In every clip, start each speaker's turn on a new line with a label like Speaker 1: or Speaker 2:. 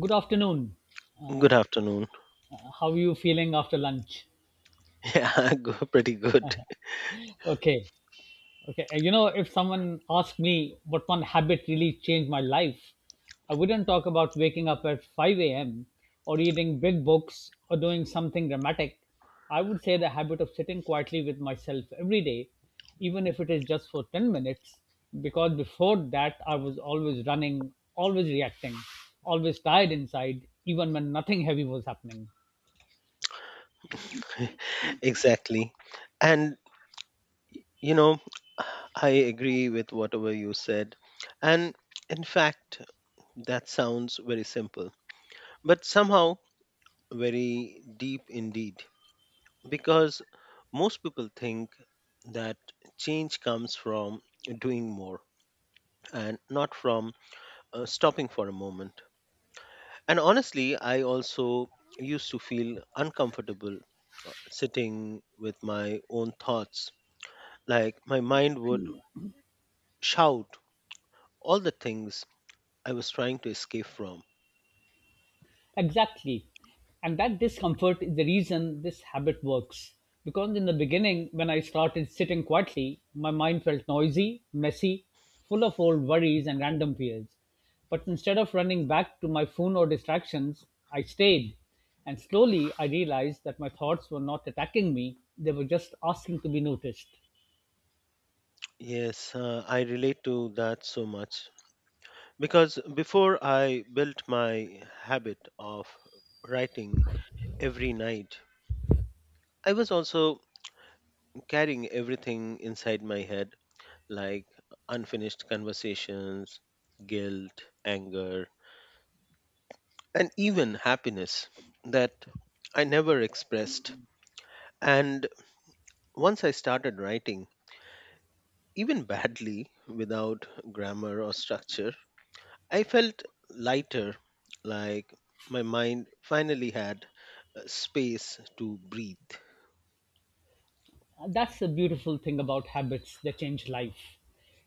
Speaker 1: Good afternoon.
Speaker 2: Good afternoon.
Speaker 1: How are you feeling after lunch?
Speaker 2: Yeah, pretty good.
Speaker 1: Okay. Okay. You know, if someone asked me what one habit really changed my life, I wouldn't talk about waking up at 5 a.m. or reading big books or doing something dramatic. I would say the habit of sitting quietly with myself every day, even if it is just for 10 minutes, because before that, I was always running, always reacting, always tired inside, even when nothing heavy was happening.
Speaker 2: Exactly. And, you know, I agree with whatever you said. And in fact, that sounds very simple, but somehow very deep indeed, because most people think that change comes from doing more and not from stopping for a moment. And honestly, I also used to feel uncomfortable sitting with my own thoughts. Like my mind would shout all the things I was trying to escape from.
Speaker 1: Exactly. And that discomfort is the reason this habit works. Because in the beginning, when I started sitting quietly, my mind felt noisy, messy, full of old worries and random fears. But instead of running back to my phone or distractions, I stayed. And slowly I realized that my thoughts were not attacking me, they were just asking to be noticed.
Speaker 2: Yes, I relate to that so much. Because before I built my habit of writing every night, I was also carrying everything inside my head, like unfinished conversations, guilt, anger, and even happiness that I never expressed. And once I started writing, even badly, without grammar or structure, I felt lighter, like my mind finally had space to breathe.
Speaker 1: That's the beautiful thing about habits they change life.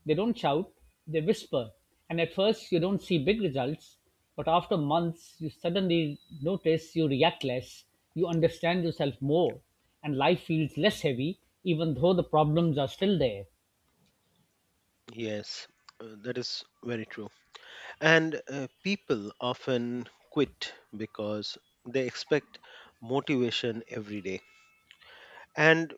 Speaker 1: They don't shout, they whisper. And at first, you don't see big results, but after months, you suddenly notice you react less, you understand yourself more, and life feels less heavy, even though the problems are still there.
Speaker 2: Yes, that is very true. And people often quit because they expect motivation every day. And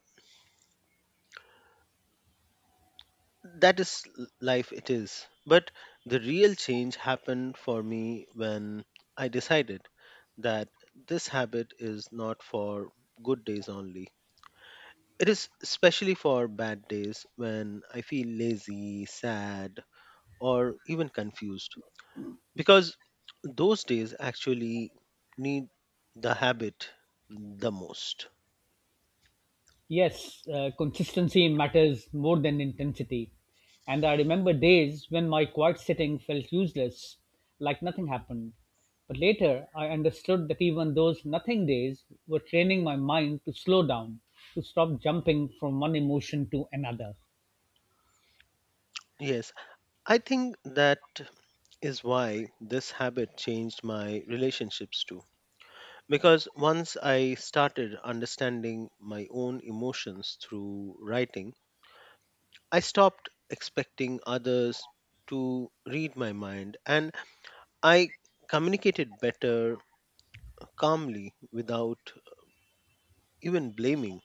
Speaker 2: that is life, it is, but the real change happened for me when I decided that this habit is not for good days only. It is especially for bad days when I feel lazy, sad or even confused because those days actually need the habit the most.
Speaker 1: Yes, consistency matters more than intensity. And I remember days when my quiet sitting felt useless, like nothing happened. But later, I understood that even those nothing days were training my mind to slow down, to stop jumping from one emotion to another.
Speaker 2: Yes, I think that is why this habit changed my relationships too. Because once I started understanding my own emotions through writing, I stopped expecting others to read my mind and I communicated better, calmly, without even blaming.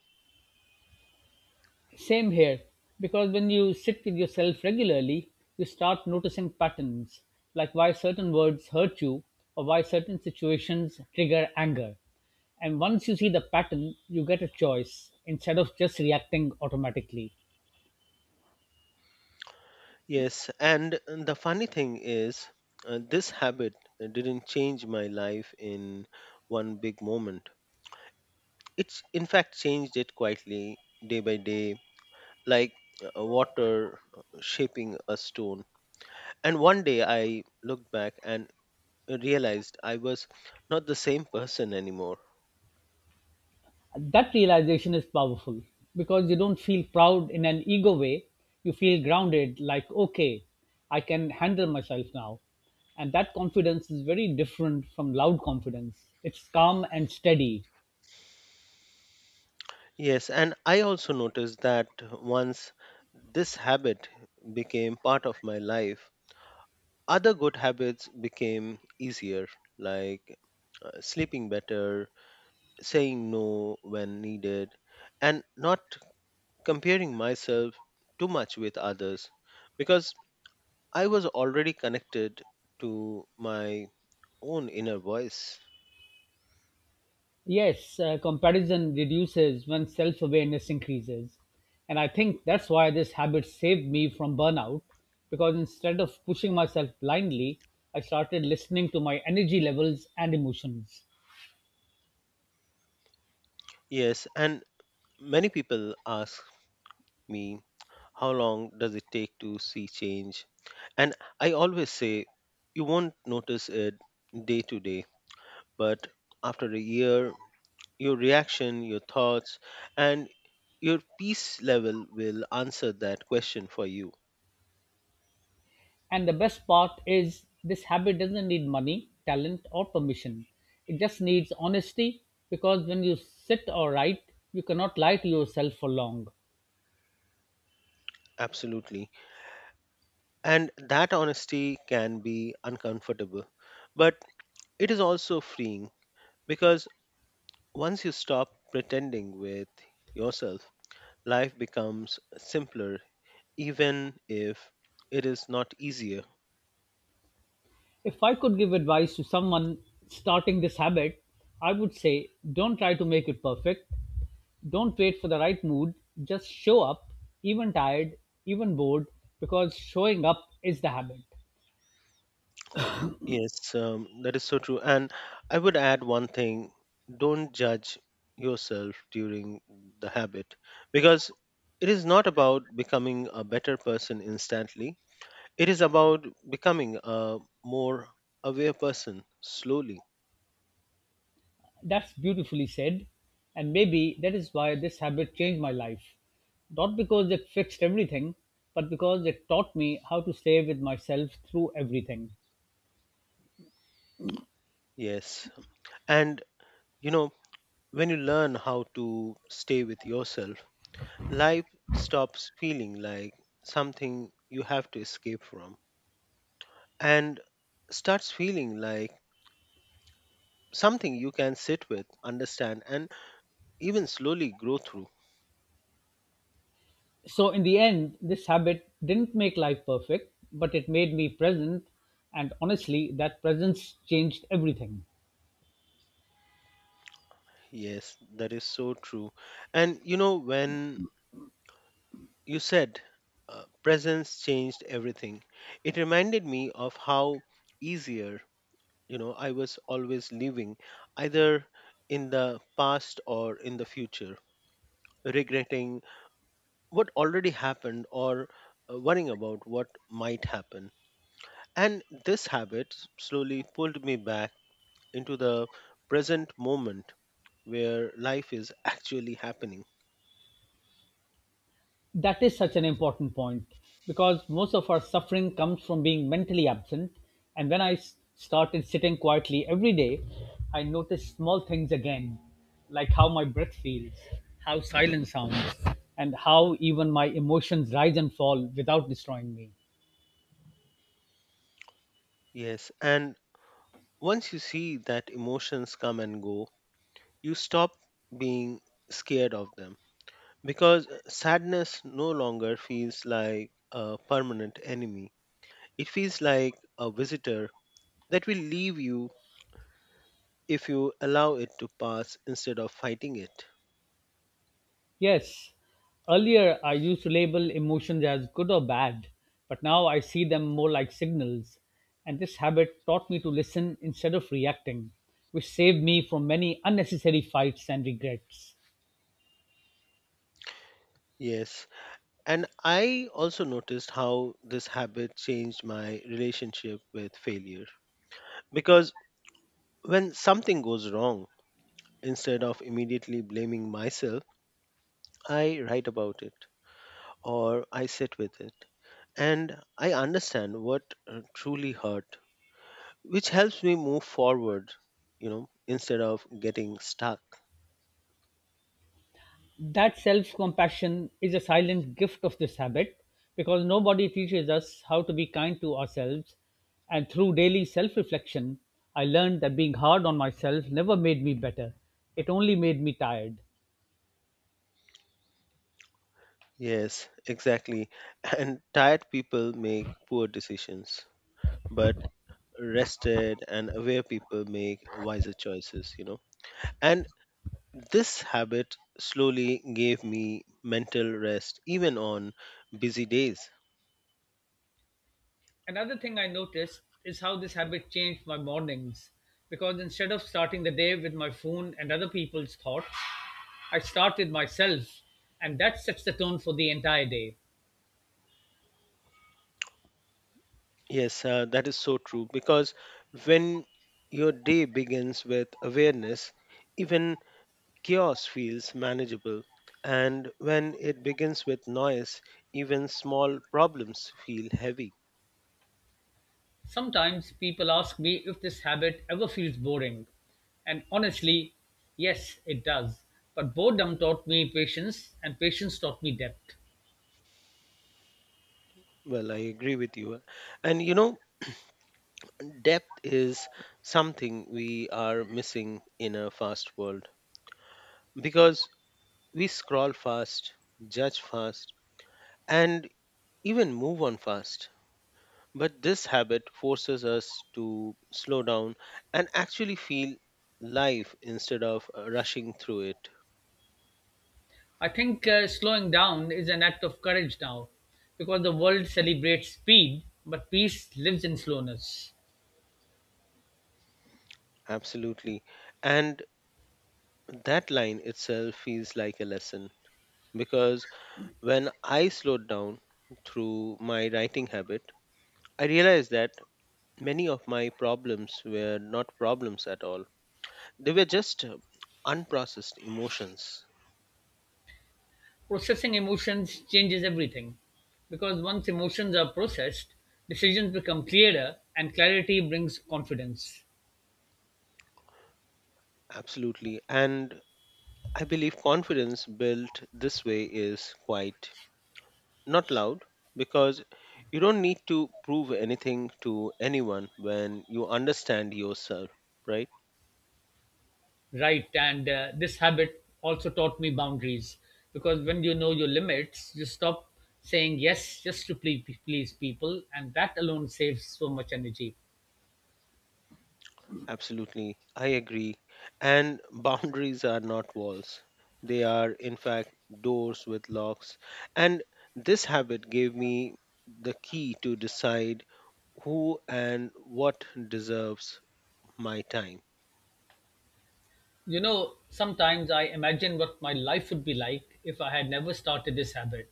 Speaker 1: Same here, because when you sit with yourself regularly, you start noticing patterns, like why certain words hurt you or why certain situations trigger anger. And once you see the pattern, you get a choice instead of just reacting automatically.
Speaker 2: Yes, and the funny thing is, this habit didn't change my life in one big moment. It's in fact changed it quietly day by day, like water shaping a stone. And one day I looked back and realized I was not the same person anymore.
Speaker 1: That realization is powerful because you don't feel proud in an ego way. You feel grounded, like, okay, I can handle myself now. And that confidence is very different from loud confidence. It's calm and steady.
Speaker 2: Yes, and I also noticed that once this habit became part of my life, other good habits became easier, like sleeping better, saying no when needed, and not comparing myself too much with others because I was already connected to my own inner voice.
Speaker 1: Yes, comparison reduces when self awareness increases. And I think that's why this habit saved me from burnout because instead of pushing myself blindly, I started listening to my energy levels and emotions.
Speaker 2: Yes, and many people ask me, how long does it take to see change? And I always say, you won't notice it day to day, but after a year, your reaction, your thoughts, and your peace level will answer that question for you.
Speaker 1: And the best part is, this habit doesn't need money, talent, or permission. It just needs honesty because when you sit or write, you cannot lie to yourself for long.
Speaker 2: Absolutely. And that honesty can be uncomfortable, but it is also freeing because once you stop pretending with yourself, life becomes simpler even if it is not easier.
Speaker 1: If I could give advice to someone starting this habit, I would say don't try to make it perfect. Don't wait for the right mood. Just show up, even tired, even bored, because showing up is the habit.
Speaker 2: Yes, that is so true. And I would add one thing: don't judge yourself during the habit because it is not about becoming a better person instantly, it is about becoming a more aware person slowly.
Speaker 1: That's beautifully said. And maybe that is why this habit changed my life. Not because it fixed everything, but because it taught me how to stay with myself through everything.
Speaker 2: Yes. And, you know, when you learn how to stay with yourself, life stops feeling like something you have to escape from, and starts feeling like something you can sit with, understand, and even slowly grow through.
Speaker 1: So, in the end, this habit didn't make life perfect, but it made me present. And honestly, that presence changed everything.
Speaker 2: Yes, that is so true. And when you said presence changed everything, it reminded me of how easier, I was always living either in the past or in the future, regretting what already happened or worrying about what might happen. And this habit slowly pulled me back into the present moment where life is actually happening.
Speaker 1: That is such an important point because most of our suffering comes from being mentally absent. And when started sitting quietly every day, I noticed small things again, like how my breath feels, how silence sounds, and how even my emotions rise and fall without destroying me.
Speaker 2: Yes, and once you see that emotions come and go, you stop being scared of them because sadness no longer feels like a permanent enemy. It feels like a visitor that will leave you if you allow it to pass instead of fighting it.
Speaker 1: Yes, earlier I used to label emotions as good or bad, but now I see them more like signals. And this habit taught me to listen instead of reacting, which saved me from many unnecessary fights and regrets.
Speaker 2: Yes, and I also noticed how this habit changed my relationship with failure. Because when something goes wrong, instead of immediately blaming myself, I write about it or I sit with it. And I understand what truly hurt, which helps me move forward, instead of getting stuck.
Speaker 1: That self compassion is a silent gift of this habit because nobody teaches us how to be kind to ourselves. And through daily self reflection, I learned that being hard on myself never made me better, it only made me tired.
Speaker 2: Yes, exactly. And tired people make poor decisions, but rested and aware people make wiser choices, and this habit slowly gave me mental rest even on busy days.
Speaker 1: Another thing I noticed is how this habit changed my mornings because instead of starting the day with my phone and other people's thoughts, I start with myself, and that sets the tone for the entire day.
Speaker 2: Yes, that is so true because when your day begins with awareness, even chaos feels manageable, and when it begins with noise, even small problems feel heavy.
Speaker 1: Sometimes people ask me if this habit ever feels boring, and honestly, yes, it does. But boredom taught me patience, and patience taught me depth.
Speaker 2: Well, I agree with you, and depth is something we are missing in a fast world because we scroll fast, judge fast, and even move on fast. But this habit forces us to slow down and actually feel life instead of rushing through it.
Speaker 1: I think slowing down is an act of courage now because the world celebrates speed, but peace lives in slowness.
Speaker 2: Absolutely. And that line itself feels like a lesson because when I slowed down through my writing habit, I realized that many of my problems were not problems at all. They were just unprocessed emotions.
Speaker 1: Processing emotions changes everything because once emotions are processed, decisions become clearer and clarity brings confidence.
Speaker 2: Absolutely. And I believe confidence built this way is quite not loud because you don't need to prove anything to anyone when you understand yourself, right?
Speaker 1: Right. And this habit also taught me boundaries because when you know your limits, you stop saying yes just to please people, and that alone saves so much energy.
Speaker 2: Absolutely, I agree. And boundaries are not walls, they are, in fact, doors with locks. And this habit gave me the key to decide who and what deserves my time.
Speaker 1: You know, sometimes I imagine what my life would be like if I had never started this habit.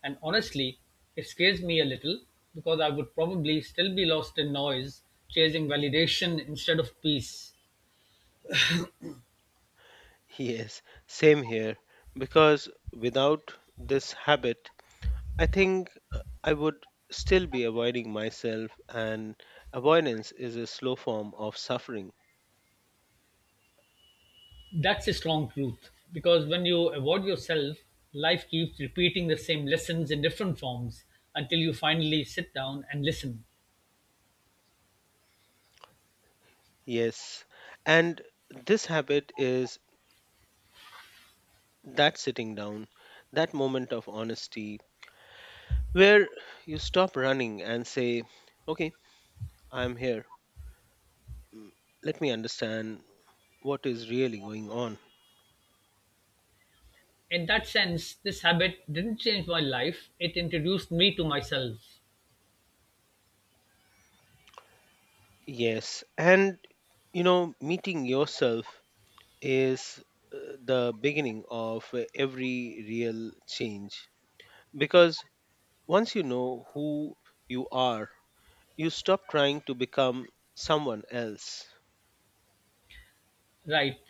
Speaker 1: And honestly, it scares me a little because I would probably still be lost in noise, chasing validation instead of peace.
Speaker 2: Yes, same here, because without this habit, I think I would still be avoiding myself, and avoidance is a slow form of suffering.
Speaker 1: That's a strong truth because when you avoid yourself, life keeps repeating the same lessons in different forms until you finally sit down and listen.
Speaker 2: Yes. And this habit is that sitting down, that moment of honesty where you stop running and say, okay, I'm here. Mm, Let me understand what is really going on.
Speaker 1: In that sense, this habit didn't change my life, it introduced me to myself.
Speaker 2: Yes. And, meeting yourself is the beginning of every real change because once you know who you are, you stop trying to become someone else.
Speaker 1: Right.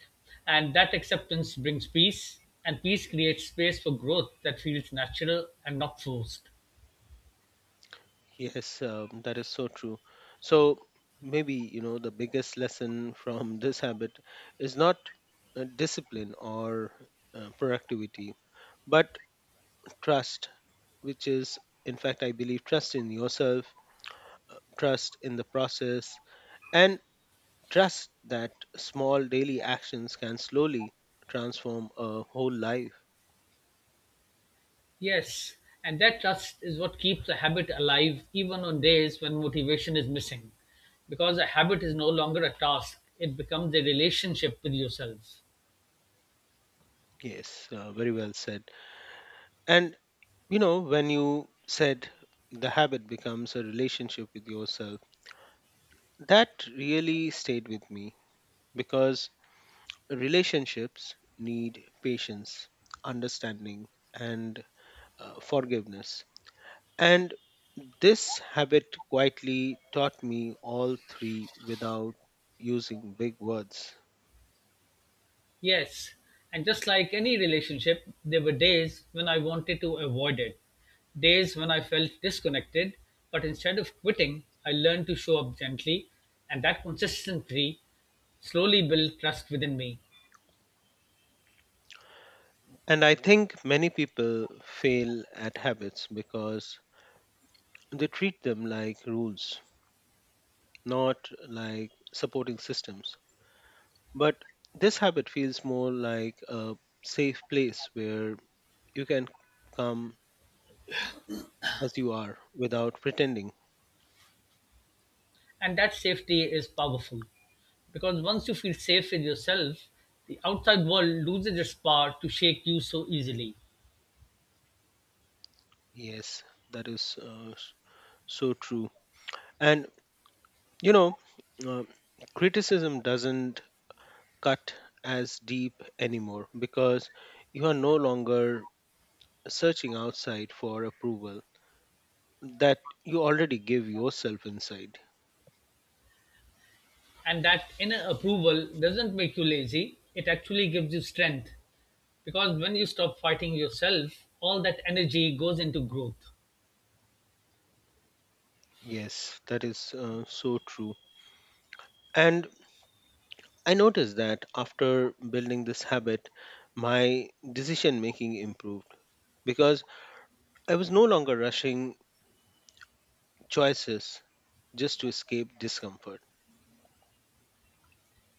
Speaker 1: And that acceptance brings peace, and peace creates space for growth that feels natural and not forced.
Speaker 2: Yes, that is so true. So maybe, the biggest lesson from this habit is not discipline or productivity, but trust, which is, in fact, I believe, trust in yourself, trust in the process, and trust that small daily actions can slowly transform a whole life.
Speaker 1: Yes, and that trust is what keeps a habit alive even on days when motivation is missing. Because a habit is no longer a task, it becomes a relationship with yourself.
Speaker 2: Yes, very well said. And, when you said the habit becomes a relationship with yourself, that really stayed with me because relationships need patience, understanding, and forgiveness. And this habit quietly taught me all three without using big words.
Speaker 1: Yes, and just like any relationship, there were days when I wanted to avoid it, days when I felt disconnected, but instead of quitting, I learned to show up gently, and that consistency slowly built trust within me.
Speaker 2: And I think many people fail at habits because they treat them like rules, not like supporting systems. But this habit feels more like a safe place where you can come as you are without pretending.
Speaker 1: And that safety is powerful because once you feel safe with yourself, the outside world loses its power to shake you so easily.
Speaker 2: Yes, that is so true. And you know, uh, criticism doesn't cut as deep anymore because you are no longer searching outside for approval that you already give yourself inside.
Speaker 1: And that inner approval doesn't make you lazy, it actually gives you strength, because when you stop fighting yourself, all that energy goes into growth.
Speaker 2: Yes, that is so true. And I noticed that after building this habit, my decision making improved because I was no longer rushing choices just to escape discomfort.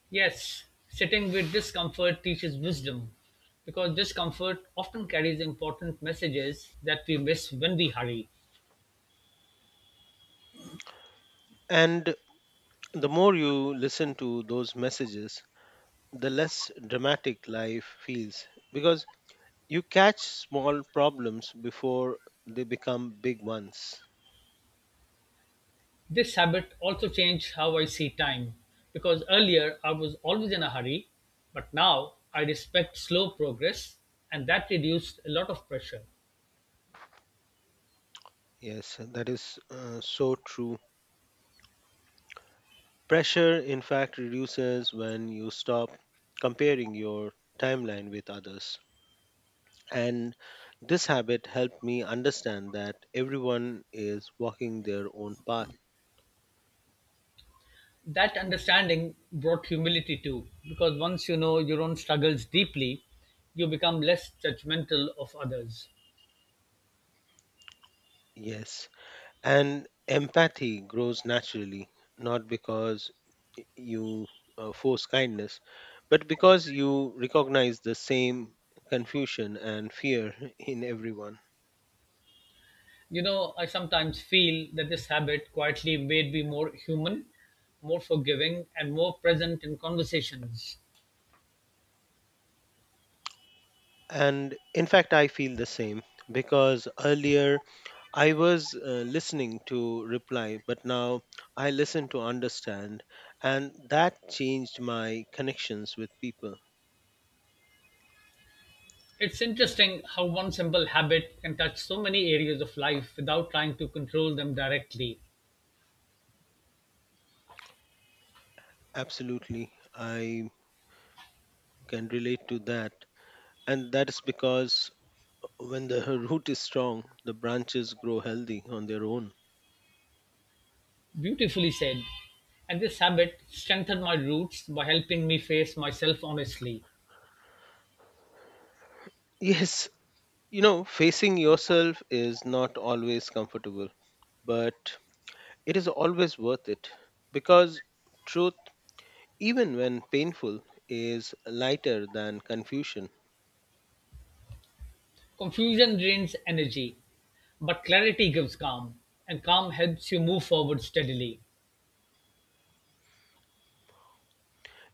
Speaker 1: Yes, sitting with discomfort teaches wisdom because discomfort often carries important messages that we miss when we hurry.
Speaker 2: And the more you listen to those messages, the less dramatic life feels because you catch small problems before they become big ones.
Speaker 1: This habit also changed how I see time because earlier I was always in a hurry, but now I respect slow progress and that reduced a lot of pressure.
Speaker 2: Yes, that is so true. Pressure, in fact, reduces when you stop comparing your timeline with others. And this habit helped me understand that everyone is walking their own path.
Speaker 1: That understanding brought humility too, because once you know your own struggles deeply, you become less judgmental of others.
Speaker 2: Yes. And empathy grows naturally, not because you force kindness, but because you recognize the same confusion and fear in everyone.
Speaker 1: You know, I sometimes feel that this habit quietly made me more human, more forgiving, and more present in conversations.
Speaker 2: And in fact, I feel the same because earlier I was listening to reply, but now I listen to understand. And that changed my connections with people.
Speaker 1: It's interesting how one simple habit can touch so many areas of life without trying to control them directly.
Speaker 2: Absolutely. I can relate to that. And that is because when the root is strong, the branches grow healthy on their own.
Speaker 1: Beautifully said. And this habit strengthened my roots by helping me face myself honestly.
Speaker 2: Yes, facing yourself is not always comfortable, but it is always worth it because truth, even when painful, is lighter than confusion.
Speaker 1: Confusion drains energy, but clarity gives calm, and calm helps you move forward steadily.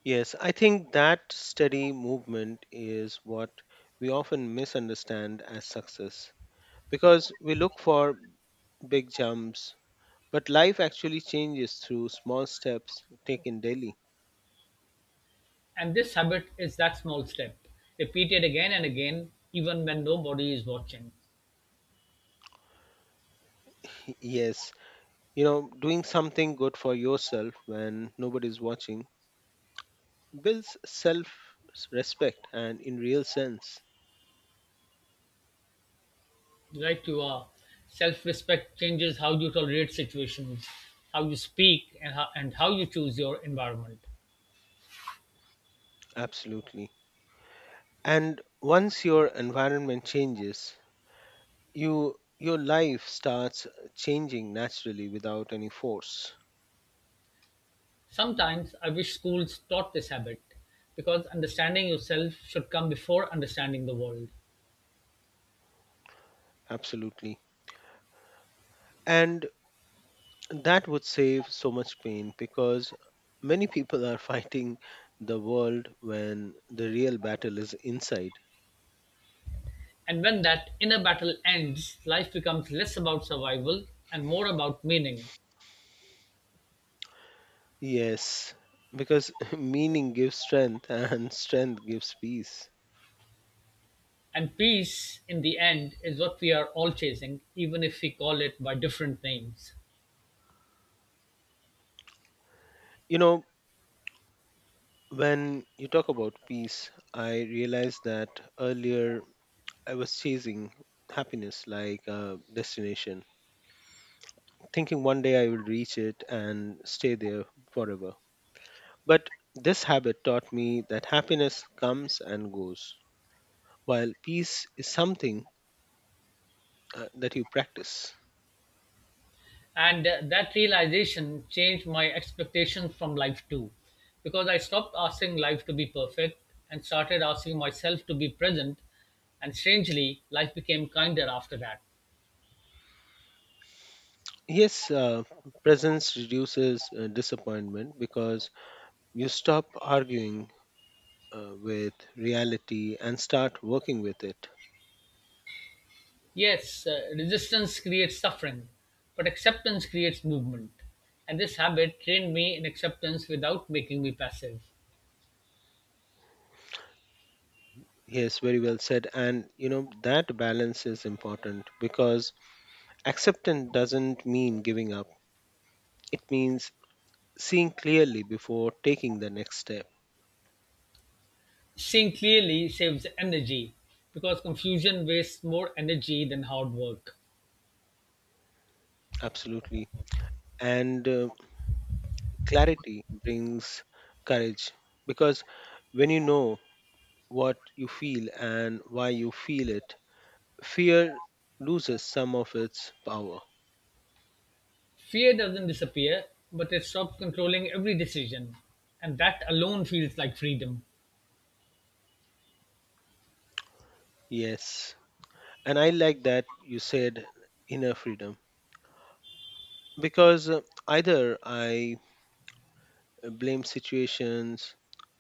Speaker 2: Yes, I think that steady movement is what we often misunderstand as success because we look for big jumps. But life actually changes through small steps taken daily.
Speaker 1: And this habit is that small step, repeated again and again, even when nobody is watching.
Speaker 2: Yes, doing something good for yourself when nobody's watching builds self respect and in real sense,
Speaker 1: Right, you are. Self respect changes how you tolerate situations, how you speak, and how you choose your environment.
Speaker 2: absolutely. And once your environment changes, your life starts changing naturally without any force.
Speaker 1: Sometimes I wish schools taught this habit because understanding yourself should come before understanding the world.
Speaker 2: Absolutely. And that would save so much pain because many people are fighting the world when the real battle is inside.
Speaker 1: And when that inner battle ends, life becomes less about survival and more about meaning.
Speaker 2: Yes, because meaning gives strength and strength gives peace.
Speaker 1: And peace, in the end, is what we are all chasing, even if we call it by different names.
Speaker 2: You know, when you talk about peace, I realized that earlier I was chasing happiness like a destination, thinking one day I will reach it and stay there forever. But this habit taught me that happiness comes and goes, while peace is something that you practice.
Speaker 1: And that realization changed my expectations from life too, because I stopped asking life to be perfect and started asking myself to be present. And strangely, life became kinder after that.
Speaker 2: Yes, presence reduces disappointment because you stop arguing with reality and start working with it.
Speaker 1: Yes, resistance creates suffering, but acceptance creates movement. And this habit trained me in acceptance without making me passive.
Speaker 2: Yes, very well said. And that balance is important because acceptance doesn't mean giving up, it means seeing clearly before taking the next step.
Speaker 1: Seeing clearly saves energy because confusion wastes more energy than hard work.
Speaker 2: Absolutely. And clarity brings courage because when you know what you feel and why you feel it, fear loses some of its power.
Speaker 1: Fear doesn't disappear, but it stops controlling every decision. And that alone feels like freedom.
Speaker 2: Yes. And I like that you said inner freedom because either I blame situations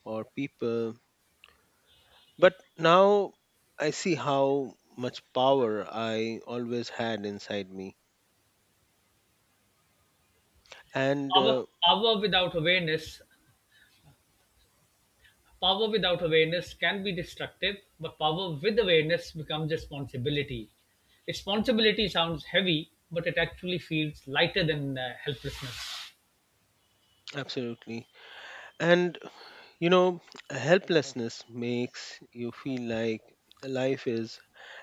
Speaker 2: or people, but now I see how much power I always had inside me. And
Speaker 1: Hour, hour without awareness Power without awareness can be destructive, but power with awareness becomes responsibility. Responsibility sounds heavy, but it actually feels lighter than helplessness.
Speaker 2: absolutely. And You know, helplessness makes you feel like life is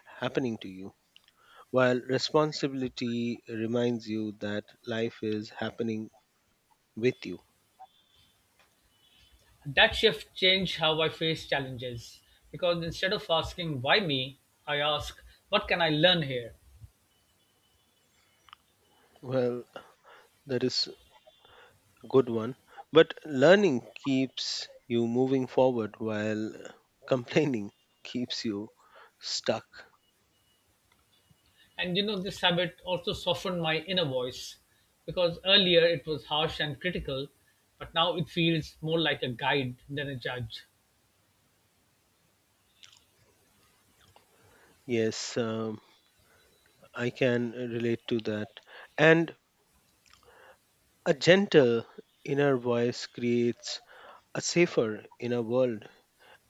Speaker 2: happening to you, while responsibility reminds you that life is happening with you.
Speaker 1: That shift changed how I face challenges because instead of asking why me, I ask what can I learn here?
Speaker 2: Well, that is a good one. But learning keeps you moving forward while complaining keeps you stuck.
Speaker 1: And you know, this habit also softened my inner voice because earlier it was harsh and critical, but now it feels more like a guide than a judge.
Speaker 2: Yes, I can relate to that. And a gentle inner voice creates a safer inner world.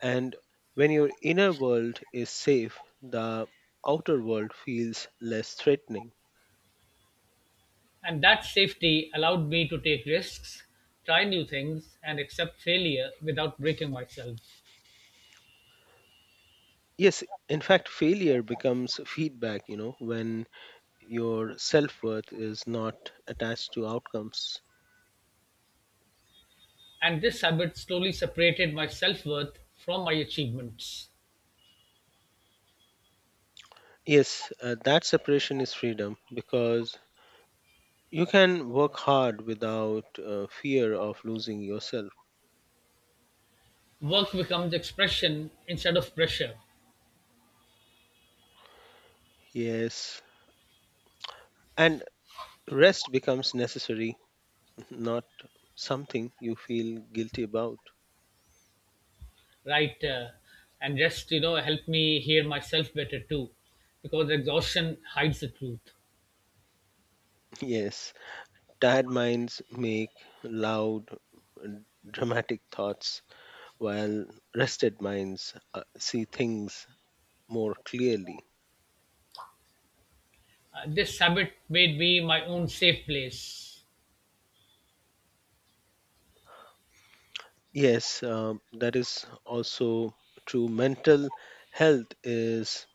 Speaker 2: And when your inner world is safe, the outer world feels less threatening.
Speaker 1: And that safety allowed me to take risks, try new things, and accept failure without breaking myself.
Speaker 2: Yes, in fact, failure becomes feedback, when your self worth is not attached to outcomes.
Speaker 1: And this habit slowly separated my self worth from my achievements.
Speaker 2: Yes, that separation is freedom because you can work hard without fear of losing yourself.
Speaker 1: Work becomes expression instead of pressure,
Speaker 2: Yes, and rest becomes necessary, not something you feel guilty about.
Speaker 1: right? And just, you know, help me hear myself better too, because exhaustion hides the truth.
Speaker 2: Yes. Tired minds make loud, and dramatic thoughts, while rested minds see things more clearly.
Speaker 1: This habit made me my own safe place,
Speaker 2: Yes, that is also true. Mental health is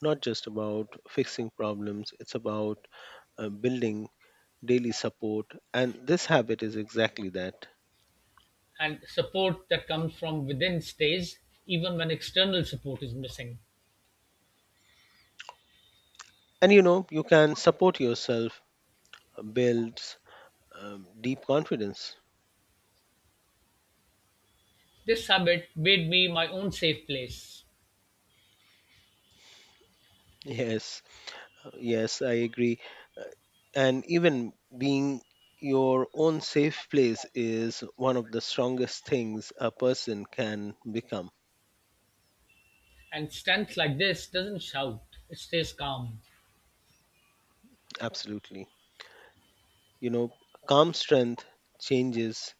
Speaker 2: not just about fixing problems, it's about building daily support. And this habit is exactly that.
Speaker 1: and support that comes from within stays even when external support is missing.
Speaker 2: And you can support yourself, builds deep confidence.
Speaker 1: This habit made me my own safe place.
Speaker 2: Yes, yes, I agree. Uh, And even being your own safe place is one of the strongest things a person can become.
Speaker 1: And stance like this doesn't shout, it stays calm.
Speaker 2: Absolutely. You know, Calm strength changes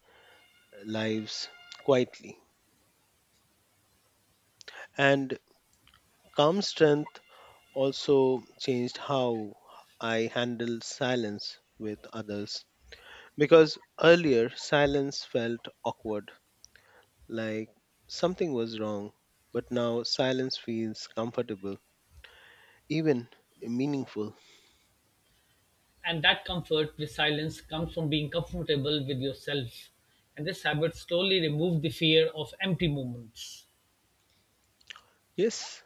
Speaker 2: lives quietly. And calm strength also changed how I handle silence with others because earlier silence felt awkward like something was wrong, but now silence feels comfortable, even meaningful.
Speaker 1: And that comfort with silence comes from being comfortable with yourself. And this habit slowly removed the fear of empty moments.
Speaker 2: Yes,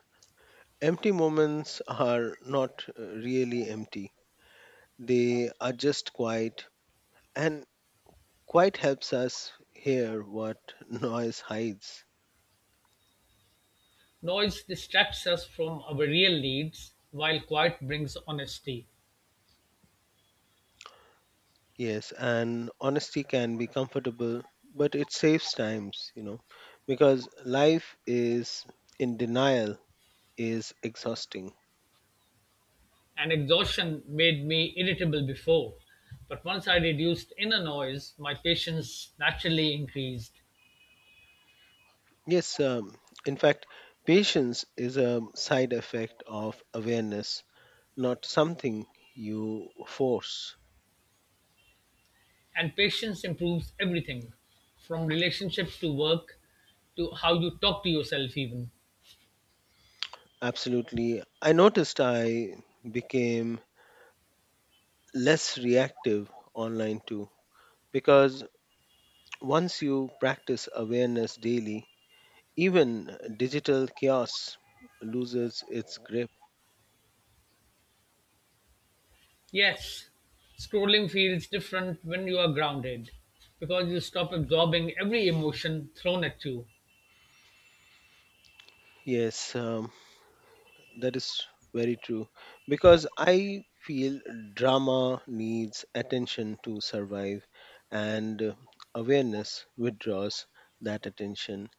Speaker 2: empty moments are not really empty, they are just quiet, and quiet helps us hear what noise hides.
Speaker 1: Noise distracts us from our real needs, while quiet brings honesty.
Speaker 2: Yes, and honesty can be comfortable, but it saves times, because life is in denial is exhausting.
Speaker 1: And exhaustion made me irritable before. But once I reduced inner noise, my patience naturally increased.
Speaker 2: Yes, in fact, patience is a side effect of awareness, not something you force.
Speaker 1: And patience improves everything, from relationships to work to how you talk to yourself, even.
Speaker 2: Absolutely. I noticed I became less reactive online too, because once you practice awareness daily, even digital chaos loses its grip.
Speaker 1: Yes, scrolling feels different when you are grounded because you stop absorbing every emotion thrown at you.
Speaker 2: Yes, that is very true because I feel drama needs attention to survive, and awareness withdraws that attention.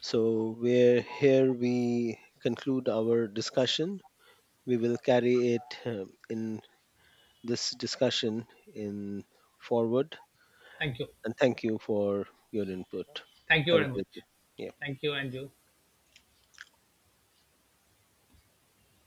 Speaker 2: So, where here we conclude our discussion, we will carry it in this discussion in forward.
Speaker 1: Thank you.
Speaker 2: And thank you for your input.
Speaker 1: Thank you
Speaker 2: Have a
Speaker 1: very
Speaker 2: great day.
Speaker 1: much.
Speaker 2: Yeah.
Speaker 1: Thank you, Andrew.